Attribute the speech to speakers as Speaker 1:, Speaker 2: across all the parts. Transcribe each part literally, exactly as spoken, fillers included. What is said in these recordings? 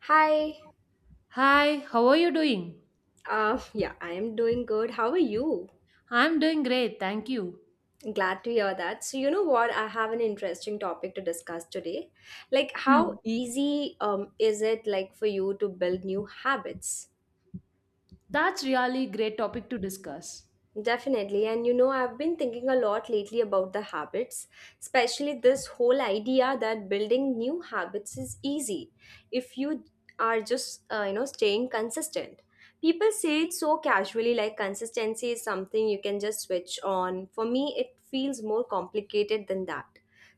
Speaker 1: Hi.
Speaker 2: Hi, how are you doing?
Speaker 1: Uh, yeah, I am doing good. How are you?
Speaker 2: I'm doing great, thank you.
Speaker 1: Glad to hear that. So, you know what? I have an interesting topic to discuss today. Like,
Speaker 2: Hmm,
Speaker 1: how easy um, is it like for you to build new habits?
Speaker 2: that's really great topic to discuss.
Speaker 1: Definitely. And you know, I've been thinking a lot lately about the habits, especially this whole idea that building new habits is easy if you are just, uh, you know, staying consistent. People say it so casually, like consistency is something you can just switch on. For me, it feels more complicated than that.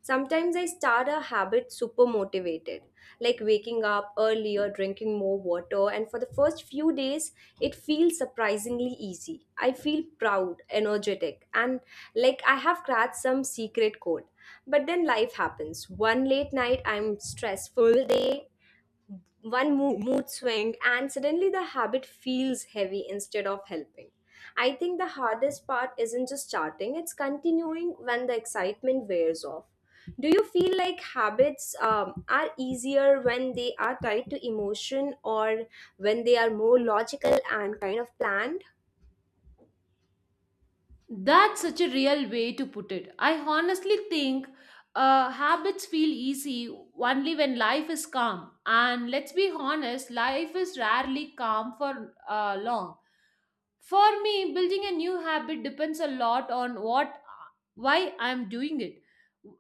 Speaker 1: Sometimes I start a habit super motivated, like waking up early or drinking more water, and for the first few days, it feels surprisingly easy. I feel proud, energetic, and like I have cracked some secret code. But then life happens. One late night, I'm stressed full day, one mood, mood swing and suddenly the habit feels heavy instead of helping. I think the hardest part isn't just starting, it's continuing when the excitement wears off. Do you feel like habits um, are easier when they are tied to emotion or when they are more logical and kind of planned?
Speaker 2: That's such a real way to put it. I honestly think uh, habits feel easy only when life is calm. And let's be honest, life is rarely calm for uh, long. For me, building a new habit depends a lot on what why I'm doing it.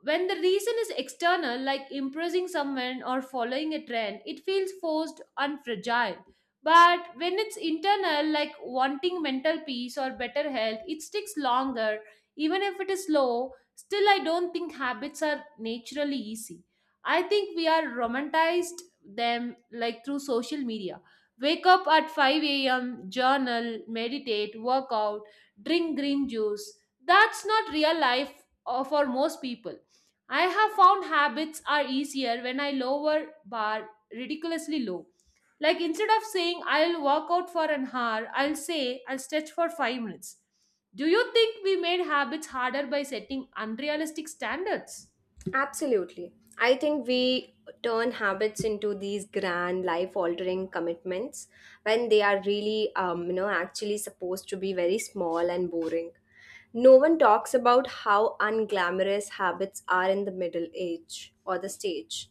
Speaker 2: When the reason is external, like impressing someone or following a trend, it feels forced and fragile. But when it's internal, like wanting mental peace or better health, it sticks longer. Even if it is slow, still, I don't think habits are naturally easy. I think we are romanticized them like through social media. Wake up at five a m, journal, meditate, work out, drink green juice. That's not real life uh, for most people. I have found habits are easier when I lower bar ridiculously low. Like instead of saying I'll work out for an hour, I'll say I'll stretch for five minutes. Do you think we made habits harder by setting unrealistic standards?
Speaker 1: Absolutely. I think we turn habits into these grand life altering commitments when they are really, um, you know, actually supposed to be very small and boring. No one talks about how unglamorous habits are in the middle age or the stage.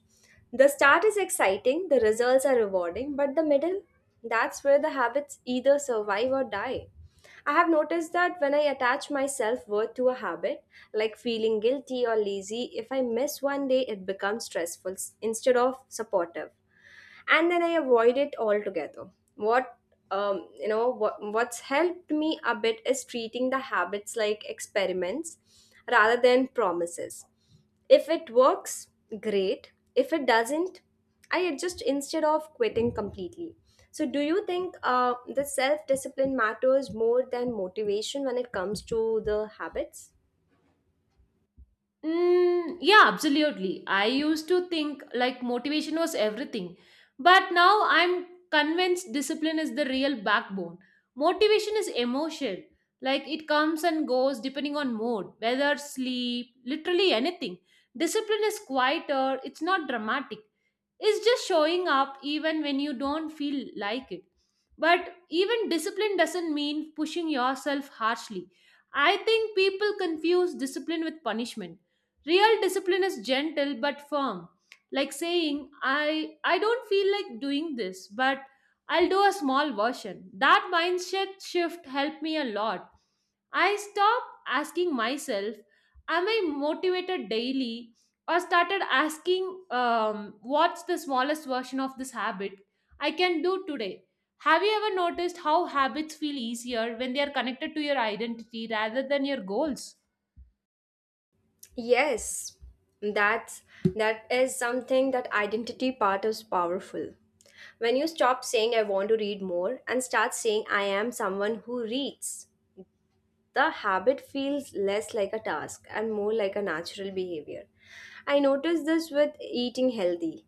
Speaker 1: The start is exciting, the results are rewarding, but the middle, that's where the habits either survive or die. I have noticed that when I attach my self worth to a habit, like feeling guilty or lazy, if I miss one day, it becomes stressful s- instead of supportive. And then I avoid it altogether. What um, you know, what, what's helped me a bit is treating the habits like experiments rather than promises. If it works, great. If it doesn't, I adjust instead of quitting completely. So, do you think uh, the self discipline matters more than motivation when it comes to the habits?
Speaker 2: Mm, yeah, absolutely. I used to think like motivation was everything, but now I'm convinced discipline is the real backbone. Motivation is emotion, like it comes and goes depending on mood, weather, sleep, literally anything. Discipline is quieter, it's not dramatic. It's just showing up even when you don't feel like it. But even discipline doesn't mean pushing yourself harshly. I think people confuse discipline with punishment. Real discipline is gentle but firm, like saying, I, I don't feel like doing this, but I'll do a small version. That mindset shift helped me a lot. I stopped asking myself, am I motivated daily? Or started asking, um, what's the smallest version of this habit I can do today? Have you ever noticed how habits feel easier when they are connected to your identity rather than your goals?
Speaker 1: Yes, that's that is something. That identity part is powerful. When you stop saying I want to read more and start saying I am someone who reads, the habit feels less like a task and more like a natural behavior. I noticed this with eating healthy.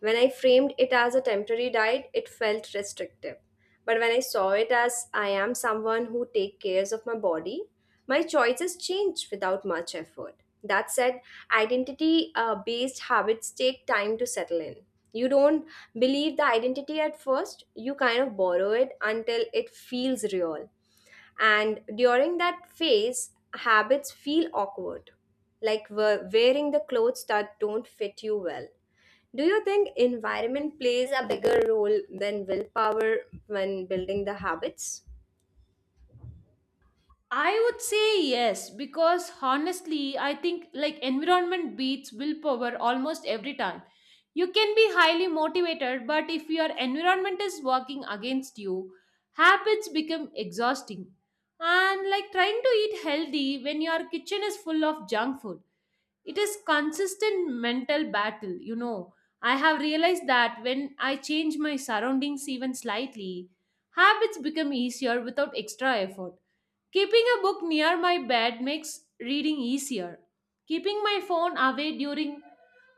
Speaker 1: When I framed it as a temporary diet, it felt restrictive. But when I saw it as I am someone who take cares of my body, my choices change without much effort. That said, identity uh, based habits take time to settle in. You don't believe the identity at first, you kind of borrow it until it feels real. And during that phase, habits feel awkward, like we're wearing the clothes that don't fit you well. Do you think environment plays a bigger role than willpower when building the habits?
Speaker 2: I would say yes, because honestly, I think like environment beats willpower almost every time. You can be highly motivated, but if your environment is working against you, habits become exhausting. And like trying to eat healthy when your kitchen is full of junk food, it is consistent mental battle, you know. I have realized that when I change my surroundings even slightly, habits become easier without extra effort. Keeping a book near my bed makes reading easier. Keeping my phone away during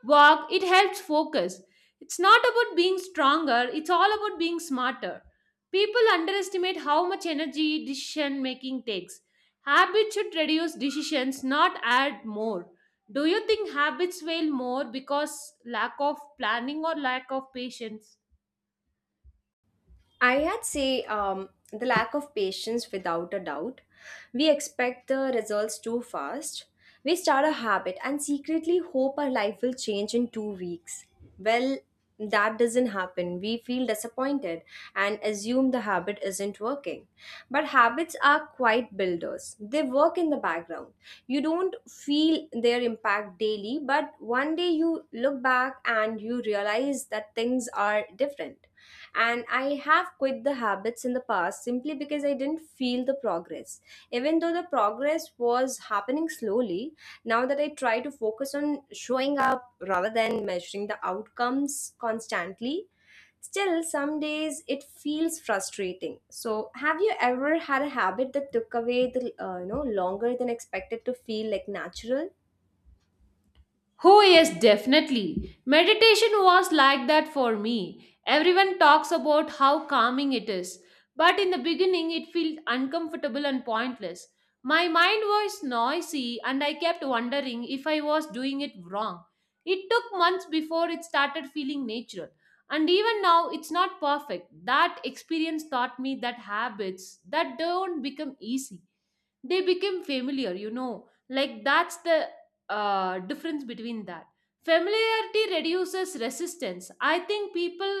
Speaker 2: walk, it helps focus. It's not about being stronger, it's all about being smarter. People underestimate how much energy decision making takes. Habits should reduce decisions, not add more. Do you think habits fail more because lack of planning or lack of patience?
Speaker 1: I had say um, the lack of patience without a doubt. We expect the results too fast. We start a habit and secretly hope our life will change in two weeks. Well, that doesn't happen. We feel disappointed and assume the habit isn't working. But habits are quiet builders, they work in the background. You don't don't feel their impact daily, but one day you look back and you realize that things are different. And I have quit the habits in the past simply because I didn't feel the progress. Even though the progress was happening slowly, now that I try to focus on showing up rather than measuring the outcomes constantly. Still, some days it feels frustrating. So, have you ever had a habit that took away the uh, you know longer than expected to feel like natural?
Speaker 2: Oh, yes, definitely. Meditation was like that for me. Everyone talks about how calming it is, but in the beginning it felt uncomfortable and pointless. My mind was noisy and I kept wondering if I was doing it wrong. It took months before it started feeling natural. And even now, it's not perfect. That experience taught me that habits that don't become easy, they became familiar, you know, like that's the uh, difference between that. Familiarity reduces resistance. I think people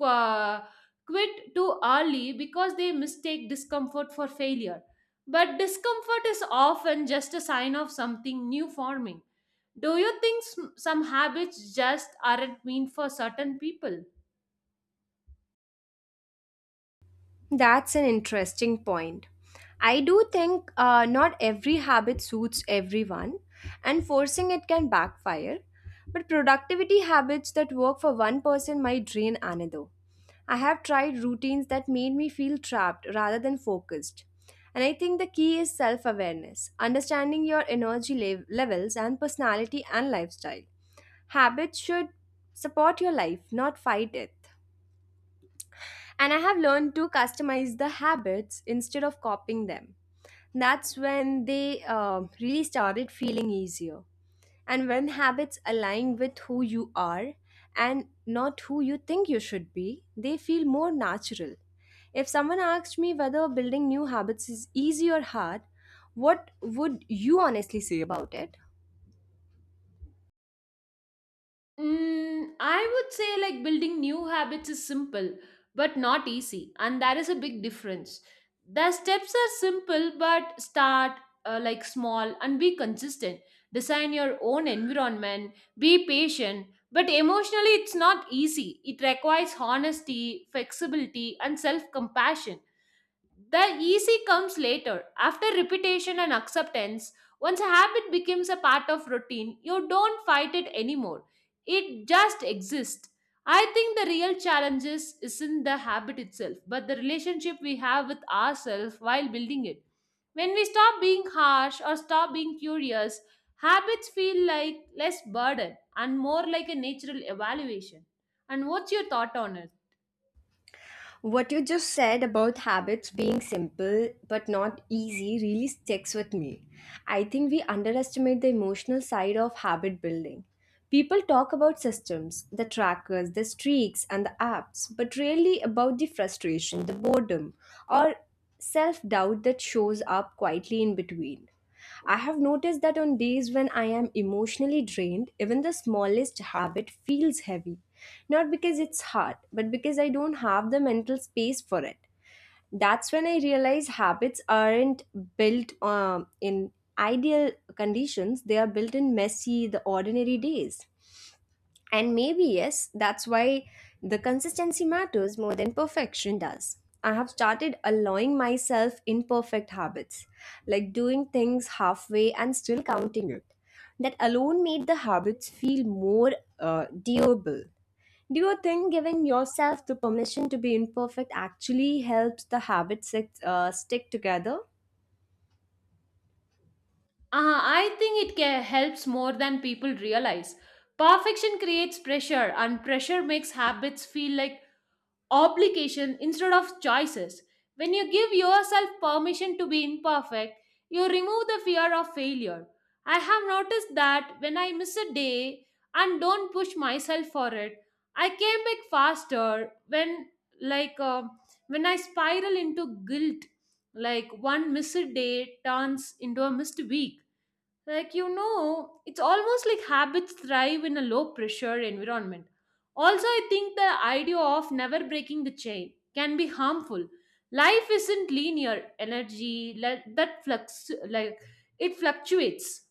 Speaker 2: uh, quit too early because they mistake discomfort for failure, but discomfort is often just a sign of something new forming. Do you think s- some habits just aren't meant for certain people?
Speaker 1: That's an interesting point. I do think uh, not every habit suits everyone, and forcing it can backfire. But productivity habits that work for one person might drain another. I have tried routines that made me feel trapped rather than focused. And I think the key is self awareness, understanding your energy lev- levels and personality and lifestyle. Habits should support your life, not fight it. And I have learned to customize the habits instead of copying them. That's when they uh, really started feeling easier. And when habits align with who you are and not who you think you should be, they feel more natural. If someone asked me whether building new habits is easy or hard, what would you honestly say about it?
Speaker 2: Mm, I would say like building new habits is simple but not easy, and that is a big difference. The steps are simple but start uh, like small and be consistent. Design your own environment, be patient, but emotionally it's not easy. It requires honesty, flexibility, and self compassion. The easy comes later. After repetition and acceptance, once a habit becomes a part of routine, you don't fight it anymore. It just exists. I think the real challenge is, isn't the habit itself, but the relationship we have with ourselves while building it. When we stop being harsh or stop being curious, habits feel like less burden and more like a natural evaluation. And what's your thought on it?
Speaker 1: What you just said about habits being simple but not easy really sticks with me. I think we underestimate the emotional side of habit building. People talk about systems, the trackers, the streaks, and the apps, but rarely about the frustration, the boredom, or self doubt that shows up quietly in between. I have noticed that on days when I am emotionally drained, even the smallest habit feels heavy. Not because it's hard, but because I don't have the mental space for it. That's when I realize habits aren't built um, in ideal conditions, they are built in messy, the ordinary days. And maybe, yes, that's why the consistency matters more than perfection does. I have started allowing myself imperfect habits, like doing things halfway and still counting it. That alone made the habits feel more uh, doable. Do you think giving yourself the permission to be imperfect actually helps the habits uh, stick together?
Speaker 2: Uh, I think it ca- helps more than people realize. Perfection creates pressure, and pressure makes habits feel like obligation instead of choices. When you give yourself permission to be imperfect, you remove the fear of failure. I have noticed that when I miss a day and don't push myself for it, I came back faster. When like uh, when I spiral into guilt, like one missed day turns into a missed week, like, you know, it's almost like habits thrive in a low pressure environment. Also, I think the idea of never breaking the chain can be harmful. Life isn't linear energy le- that flux, like it fluctuates.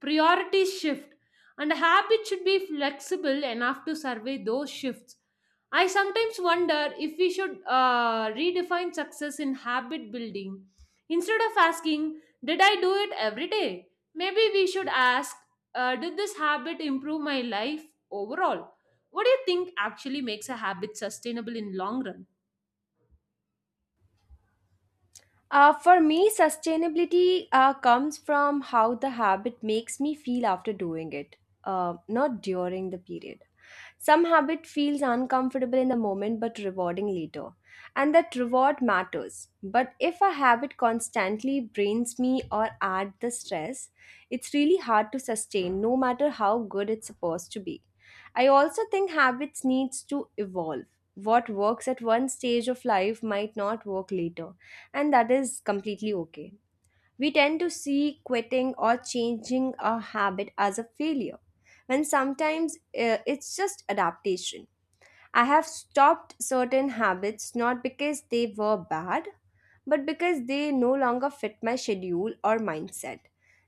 Speaker 2: Priorities shift, and a habit should be flexible enough to survey those shifts. I sometimes wonder if we should uh, redefine success in habit building instead of asking, did I do it every day? Maybe we should ask, uh, did this habit improve my life overall? What do you think actually makes a habit sustainable in long run?
Speaker 1: Uh, for me, sustainability uh, comes from how the habit makes me feel after doing it, uh, not during the period. Some habit feels uncomfortable in the moment but rewarding later, and that reward matters. But if a habit constantly drains me or adds the stress, it's really hard to sustain no matter how good it's supposed to be. I also think habits needs to evolve. What works at one stage of life might not work later and that is completely okay. We tend to see quitting or changing a habit as a failure when sometimes uh, it's just adaptation. I have stopped certain habits not because they were bad, but because they no longer fit my schedule or mindset.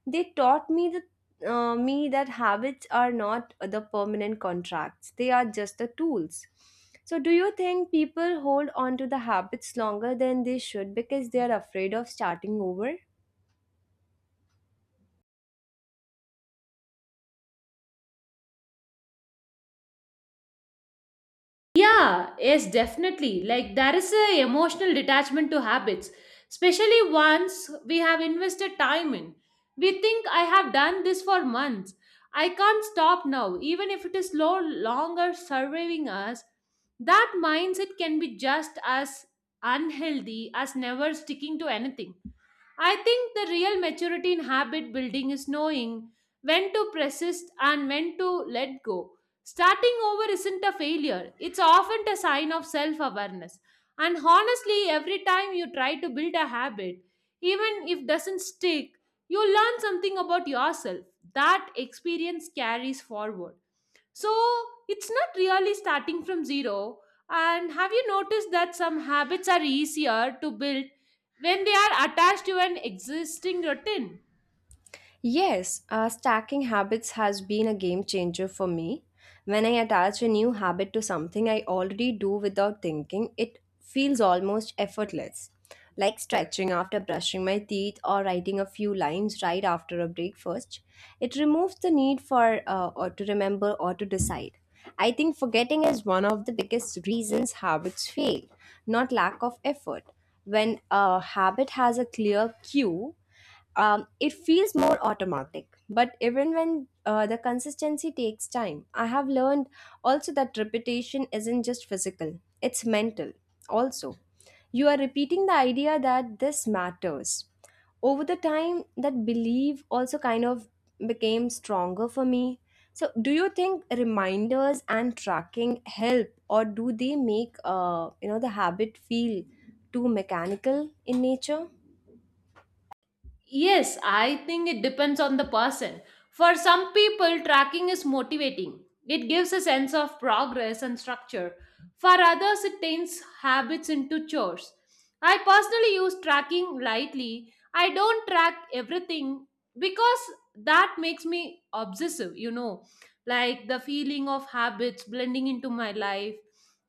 Speaker 1: They taught me that. Uh, me that habits are not the permanent contracts, they are just the tools. So do you think people hold on to the habits longer than they should because they are afraid of starting over?
Speaker 2: Yeah, yes, definitely. Like there is a emotional detachment to habits, especially once we have invested time in. We think I have done this for months. I can't stop now, even if it is no longer serving us. That mindset can be just as unhealthy as never sticking to anything. I think the real maturity in habit building is knowing when to persist and when to let go. Starting over isn't a failure, it's often a sign of self awareness. And honestly, every time you try to build a habit, even if doesn't stick, you learn something about yourself. That experience carries forward. So it's not really starting from zero. And have you noticed that some habits are easier to build when they are attached to an existing routine?
Speaker 1: Yes, uh, stacking habits has been a game changer for me. When I attach a new habit to something I already do without thinking, it feels almost effortless. Like stretching after brushing my teeth or writing a few lines right after a breakfast, it removes the need for uh, or to remember or to decide. I think forgetting is one of the biggest reasons habits fail, not lack of effort. When a habit has a clear cue, um, it feels more automatic, but even when uh, the consistency takes time, I have learned also that repetition isn't just physical, it's mental also. You are repeating the idea that this matters. Over the time, that belief also kind of became stronger for me. So, do you think reminders and tracking help, or do they make uh, you know the habit feel too mechanical in nature?
Speaker 2: Yes, I think it depends on the person. For some people, tracking is motivating. It gives a sense of progress and structure. For others, it turns habits into chores. I personally use tracking lightly. I don't track everything because that makes me obsessive, you know, like the feeling of habits blending into my life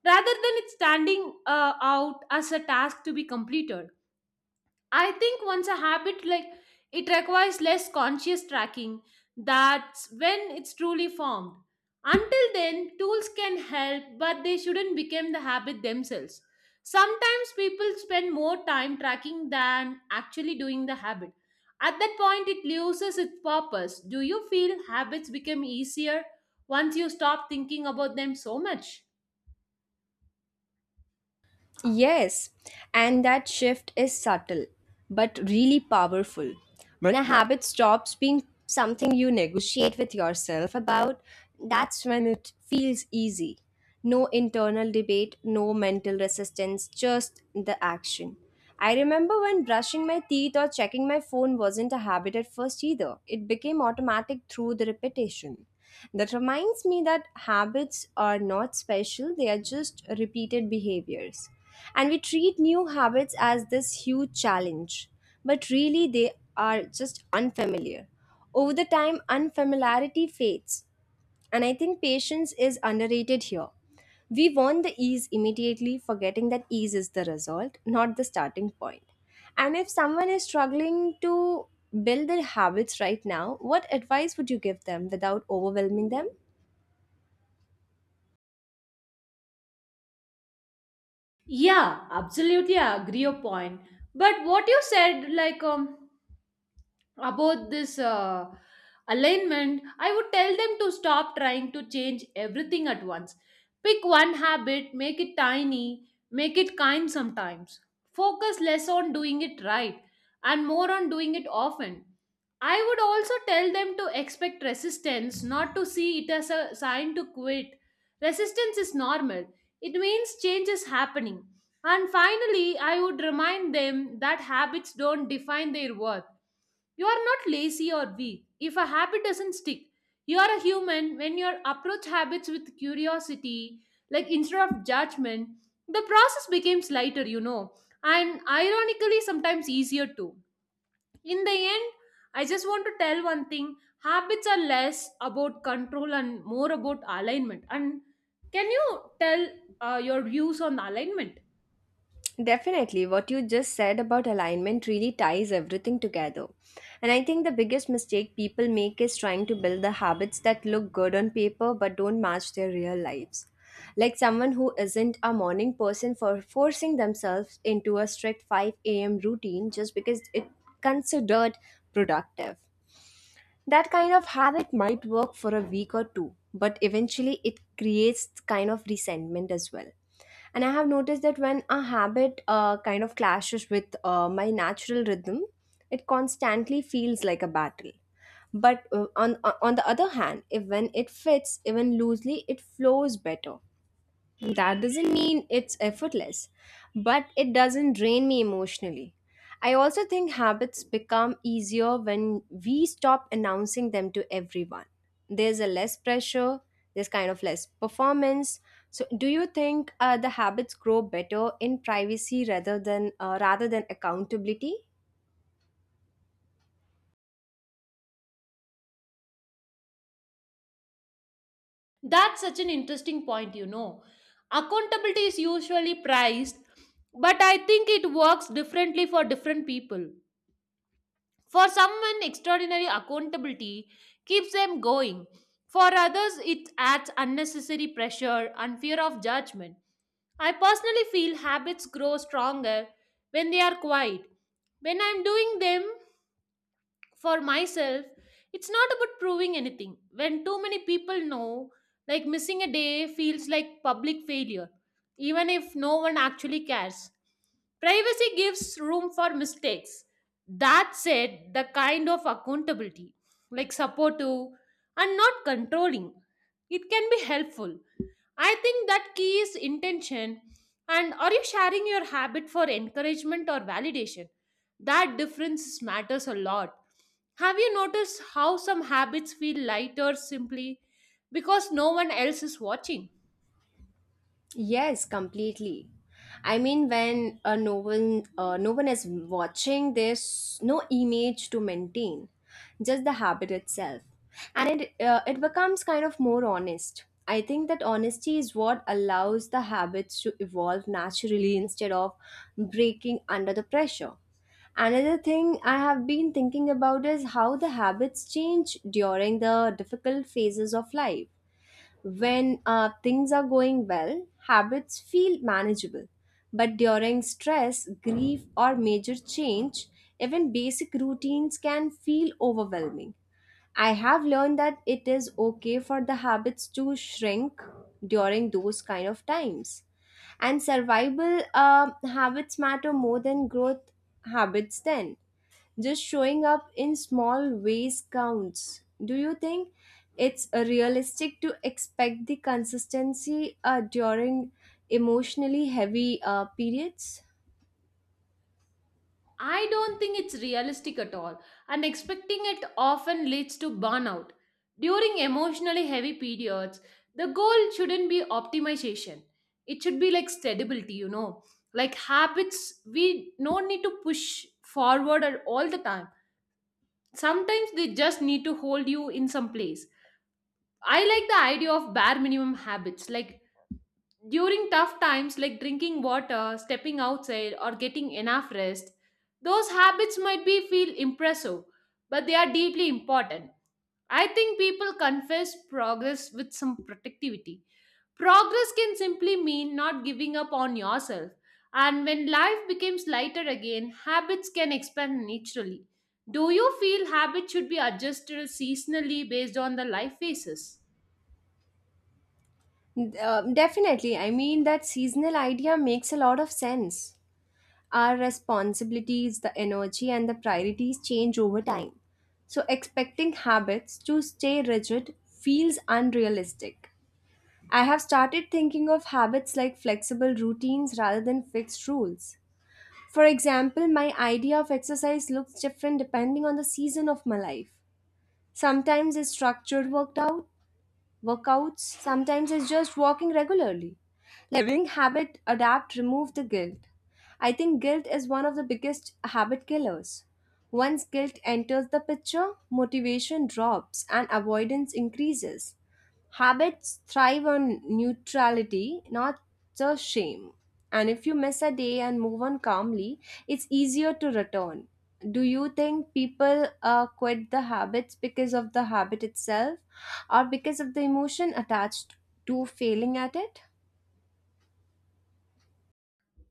Speaker 2: rather than it standing uh, out as a task to be completed. I think once a habit like it requires less conscious tracking, that's when it's truly formed. Until then, tools can help, but they shouldn't become the habit themselves. Sometimes people spend more time tracking than actually doing the habit. At that point, it loses its purpose. Do you feel habits become easier once you stop thinking about them so much?
Speaker 1: Yes, and that shift is subtle, but really powerful. When a habit stops being something you negotiate with yourself about, that's when it feels easy. No internal debate, no mental resistance, just the action. I remember when brushing my teeth or checking my phone wasn't a habit at first either. It became automatic through the repetition. That reminds me that habits are not special, they are just repeated behaviors. And we treat new habits as this huge challenge, but really they are just unfamiliar. Over the time, unfamiliarity fades, and I think patience is underrated here. We want the ease immediately, forgetting that ease is the result, not the starting point. And if someone is struggling to build their habits right now, what advice would you give them without overwhelming them?
Speaker 2: Yeah, absolutely, I agree your point. But what you said, like, um, about this uh, alignment, I would tell them to stop trying to change everything at once. Pick one habit, make it tiny, make it kind sometimes. Focus less on doing it right and more on doing it often. I would also tell them to expect resistance, not to see it as a sign to quit. Resistance is normal, it means change is happening. And finally, I would remind them that habits don't define their worth. You are not lazy or weak. If a habit doesn't stick, you are a human. When you approach habits with curiosity, like instead of judgment, the process becomes lighter, you know, and ironically, sometimes easier too. In the end, I just want to tell one thing: habits are less about control and more about alignment. And can you tell uh, your views on alignment?
Speaker 1: Definitely, what you just said about alignment really ties everything together. And I think the biggest mistake people make is trying to build the habits that look good on paper but don't match their real lives. Like someone who isn't a morning person for forcing themselves into a strict five a m routine just because it considered productive. That kind of habit might work for a week or two, but eventually it creates kind of resentment as well. And I have noticed that when a habit uh, kind of clashes with uh, my natural rhythm, it constantly feels like a battle. But uh, on on the other hand, if when it fits even loosely, it flows better. That doesn't mean it's effortless, but it doesn't drain me emotionally. I also think habits become easier when we stop announcing them to everyone. There's a less pressure, there's kind of less performance. So, do you think uh, the habits grow better in privacy rather than uh, rather than accountability?
Speaker 2: That's such an interesting point, you know. Accountability is usually prized, but I think it works differently for different people. For someone, extraordinary accountability keeps them going. For others, it adds unnecessary pressure and fear of judgment. I personally feel habits grow stronger when they are quiet. When I'm doing them, for myself, it's not about proving anything. When too many people know, like missing a day feels like public failure, even if no one actually cares. Privacy gives room for mistakes. That said, the kind of accountability, like supportive and not controlling, it can be helpful. I think that key is intention. And are you sharing your habit for encouragement or validation? That difference matters a lot. Have you noticed how some habits feel lighter simply because no one else is watching?
Speaker 1: Yes, completely. I mean, when uh, no one uh, no one is watching, there's no image to maintain, just the habit itself, and it uh, it becomes kind of more honest. I think that honesty is what allows the habits to evolve naturally instead of breaking under the pressure. Another thing I have been thinking about is how the habits change during the difficult phases of life when uh, things are going well, habits feel manageable. But during stress, grief, or major change, even basic routines can feel overwhelming. I have learned that it is okay for the habits to shrink during those kind of times. And survival um habits matter more than growth habits then. Just showing up in small ways counts. Do you think it's uh, realistic to expect the consistency uh, during emotionally heavy uh, periods?
Speaker 2: I don't think it's realistic at all, and expecting it often leads to burnout. During emotionally heavy periods, the goal shouldn't be optimization. It should be like stability, you know. Like habits, we don't need to push forward at all the time. Sometimes they just need to hold you in some place. I like the idea of bare minimum habits, like during tough times, like drinking water, stepping outside, or getting enough rest. Those habits might be feel impressive, but they are deeply important. I think people confuse progress with some productivity. Progress can simply mean not giving up on yourself. And when life becomes lighter again, habits can expand naturally. Do you feel habits should be adjusted seasonally based on the life phases?
Speaker 1: Uh, definitely. I mean, that seasonal idea makes a lot of sense. Our responsibilities, the energy, and the priorities change over time. So, expecting habits to stay rigid feels unrealistic. I have started thinking of habits like flexible routines rather than fixed rules. For example, my idea of exercise looks different depending on the season of my life. Sometimes it's structured workout, workouts, sometimes it's just walking regularly. Living habit, adapt, remove the guilt. I think guilt is one of the biggest habit killers. Once guilt enters the picture, motivation drops and avoidance increases. Habits thrive on neutrality, not just shame. And if you miss a day and move on calmly, it's easier to return. Do you think people uh, quit the habits because of the habit itself or because of the emotion attached to failing at it?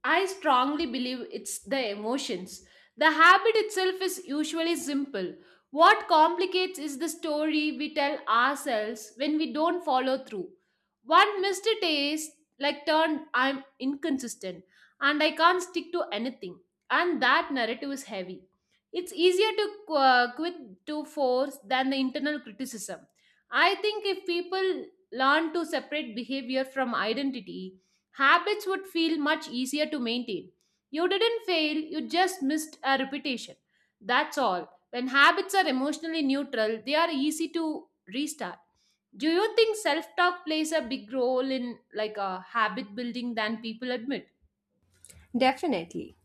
Speaker 2: I strongly believe it's the emotions. The habit itself is usually simple. What complicates is the story we tell ourselves when we don't follow through. One missed taste, like turned, I'm inconsistent and I can't stick to anything. And that narrative is heavy. It's easier to uh, quit to force than the internal criticism. I think if people learn to separate behavior from identity, habits would feel much easier to maintain. You didn't fail, you just missed a repetition. That's all. When habits are emotionally neutral, they are easy to restart. Do you think self-talk plays a big role in like a habit building than people admit?
Speaker 1: Definitely.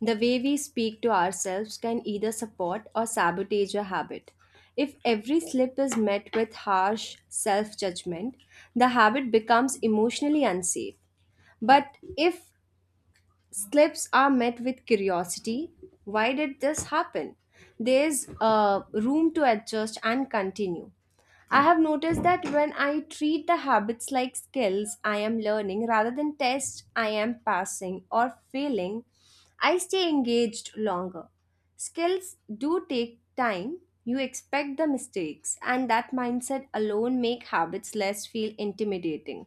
Speaker 1: The way we speak to ourselves can either support or sabotage a habit. If every slip is met with harsh self judgment, the habit becomes emotionally unsafe. But if slips are met with curiosity. Why did this happen? There's uh, room to adjust and continue. I have noticed that when I treat the habits like skills I am learning rather than tests I am passing or failing, I stay engaged longer. Skills do take time. You expect the mistakes, and that mindset alone make habits less feel intimidating.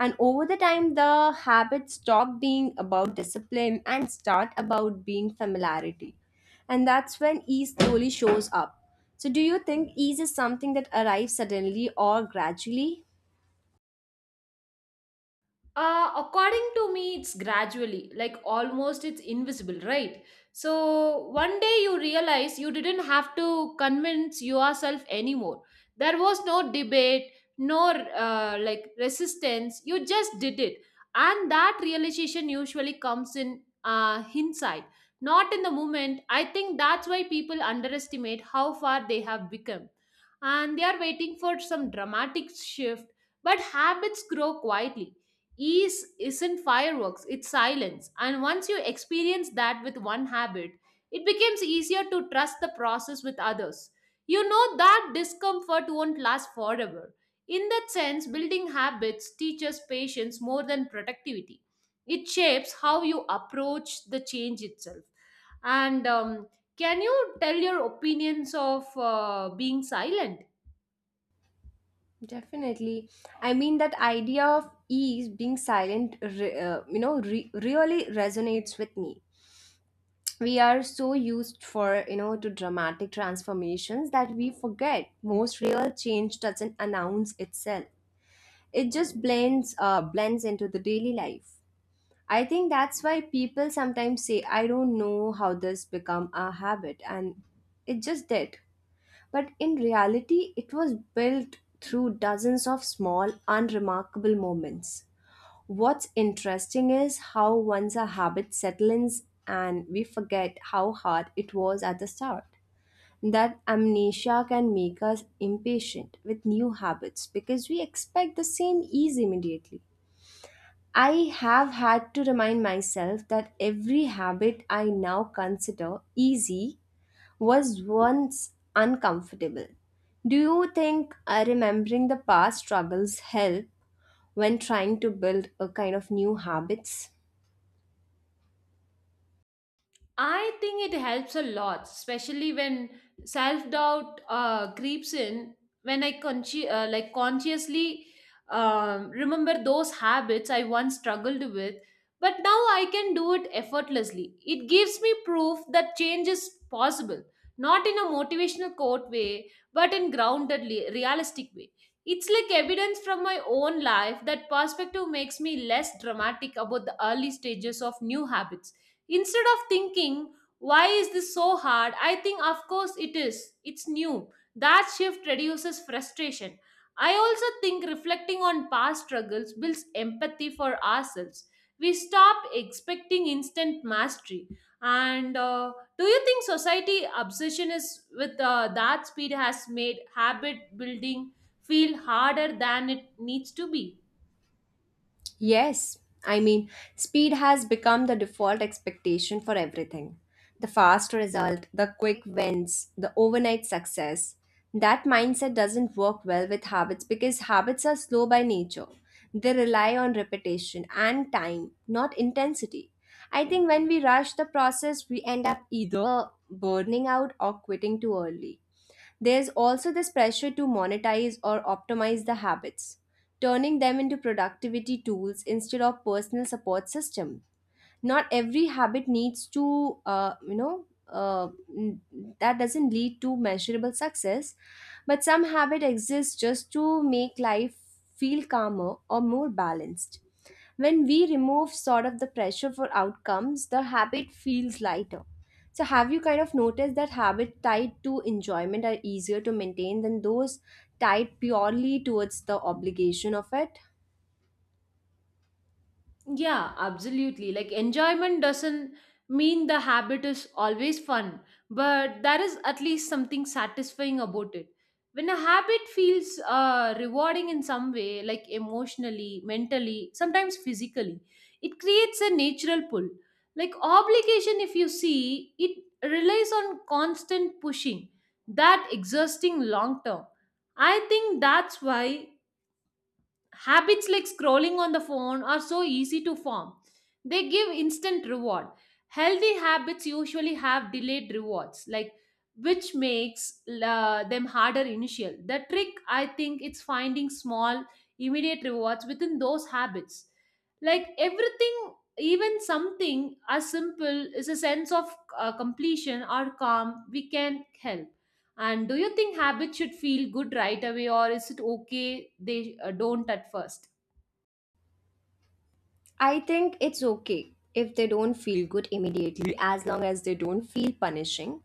Speaker 1: And over the time, the habits stop being about discipline and start about being familiarity. And that's when ease slowly shows up. So, do you think ease is something that arrives suddenly or gradually?
Speaker 2: Uh, according to me, it's gradually, like almost it's invisible, right? So one day you realize you didn't have to convince yourself anymore. There was no debate, no uh, like resistance. You just did it, and that realization usually comes in uh, hindsight, not in the moment. I think that's why people underestimate how far they have become, and they are waiting for some dramatic shift. But habits grow quietly. Ease isn't fireworks, it's silence. And once you experience that with one habit, it becomes easier to trust the process with others. You know that discomfort won't last forever. In that sense, building habits teaches patience more than productivity. It shapes how you approach the change itself. And um, can you tell your opinions of uh, being silent?
Speaker 1: Definitely. I mean, that idea of ease being silent, re- uh, you know, re- really resonates with me. We are so used for you know to dramatic transformations, that we forget most real change doesn't announce itself. It just blends uh, blends into the daily life. I think that's why people sometimes say, I don't know how this become a habit, and it just did. But in reality, it was built through dozens of small unremarkable moments. What's interesting is how once a habit settles and we forget how hard it was at the start. That amnesia can make us impatient with new habits because we expect the same ease immediately. I have had to remind myself that every habit I now consider easy was once uncomfortable. Do you think uh, remembering the past struggles help when trying to build a kind of new habits?
Speaker 2: I think it helps a lot, especially when self doubt uh, creeps in. When I consci- uh, like consciously um, remember those habits I once struggled with, but now I can do it effortlessly. It gives me proof that change is possible, not in a motivational quote way, but in grounded, le- realistic way. It's like evidence from my own life that perspective makes me less dramatic about the early stages of new habits. Instead of thinking, why is this so hard? I think, of course, it is. It's new. That shift reduces frustration. I also think reflecting on past struggles builds empathy for ourselves. We stop expecting instant mastery. And uh, do you think society obsession is with uh, that speed has made habit building feel harder than it needs to be?
Speaker 1: Yes, I mean, speed has become the default expectation for everything. The fast result, the quick wins, the overnight success. That mindset doesn't work well with habits because habits are slow by nature. They rely on repetition and time, not intensity. I think when we rush the process, we end up either burning out or quitting too early. There's also this pressure to monetize or optimize the habits, turning them into productivity tools instead of personal support systems. Not every habit needs to uh, you know uh, n- that doesn't lead to measurable success, but some habit exists just to make life feel calmer or more balanced. When we remove sort of the pressure for outcomes, the habit feels lighter. So have you kind of noticed that habit tied to enjoyment are easier to maintain than those tied purely towards the obligation of it?
Speaker 2: Yeah, absolutely. Like enjoyment doesn't mean the habit is always fun, but there is at least something satisfying about it. When a habit feels uh, rewarding in some way, like emotionally, mentally, sometimes physically, it creates a natural pull. Like obligation, if you see, it relies on constant pushing, that exhausting long term. I think that's why habits like scrolling on the phone are so easy to form. They give instant reward. Healthy habits usually have delayed rewards, like which makes uh, them harder initial. The trick I think it's finding small immediate rewards within those habits. Like everything even something as simple as a sense of uh, completion or calm we can help and do you think habits should feel good right away or is it okay they uh, don't at first?
Speaker 1: I think it's okay if they don't feel good immediately, as long as they don't feel punishing.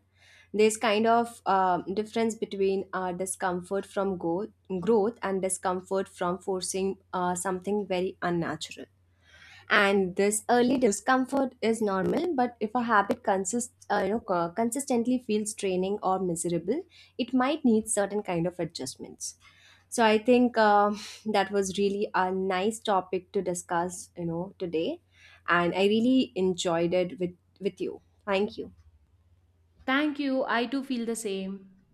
Speaker 1: There's kind of um difference between uh, discomfort from go- growth and discomfort from forcing uh, something very unnatural. And this early discomfort is normal, but if a habit consists uh, you know co- consistently feels draining or miserable, it might need certain kind of adjustments. So I think uh, that was really a nice topic to discuss you know today, and I really enjoyed it with with you. Thank you.
Speaker 2: Thank you. I too feel the same.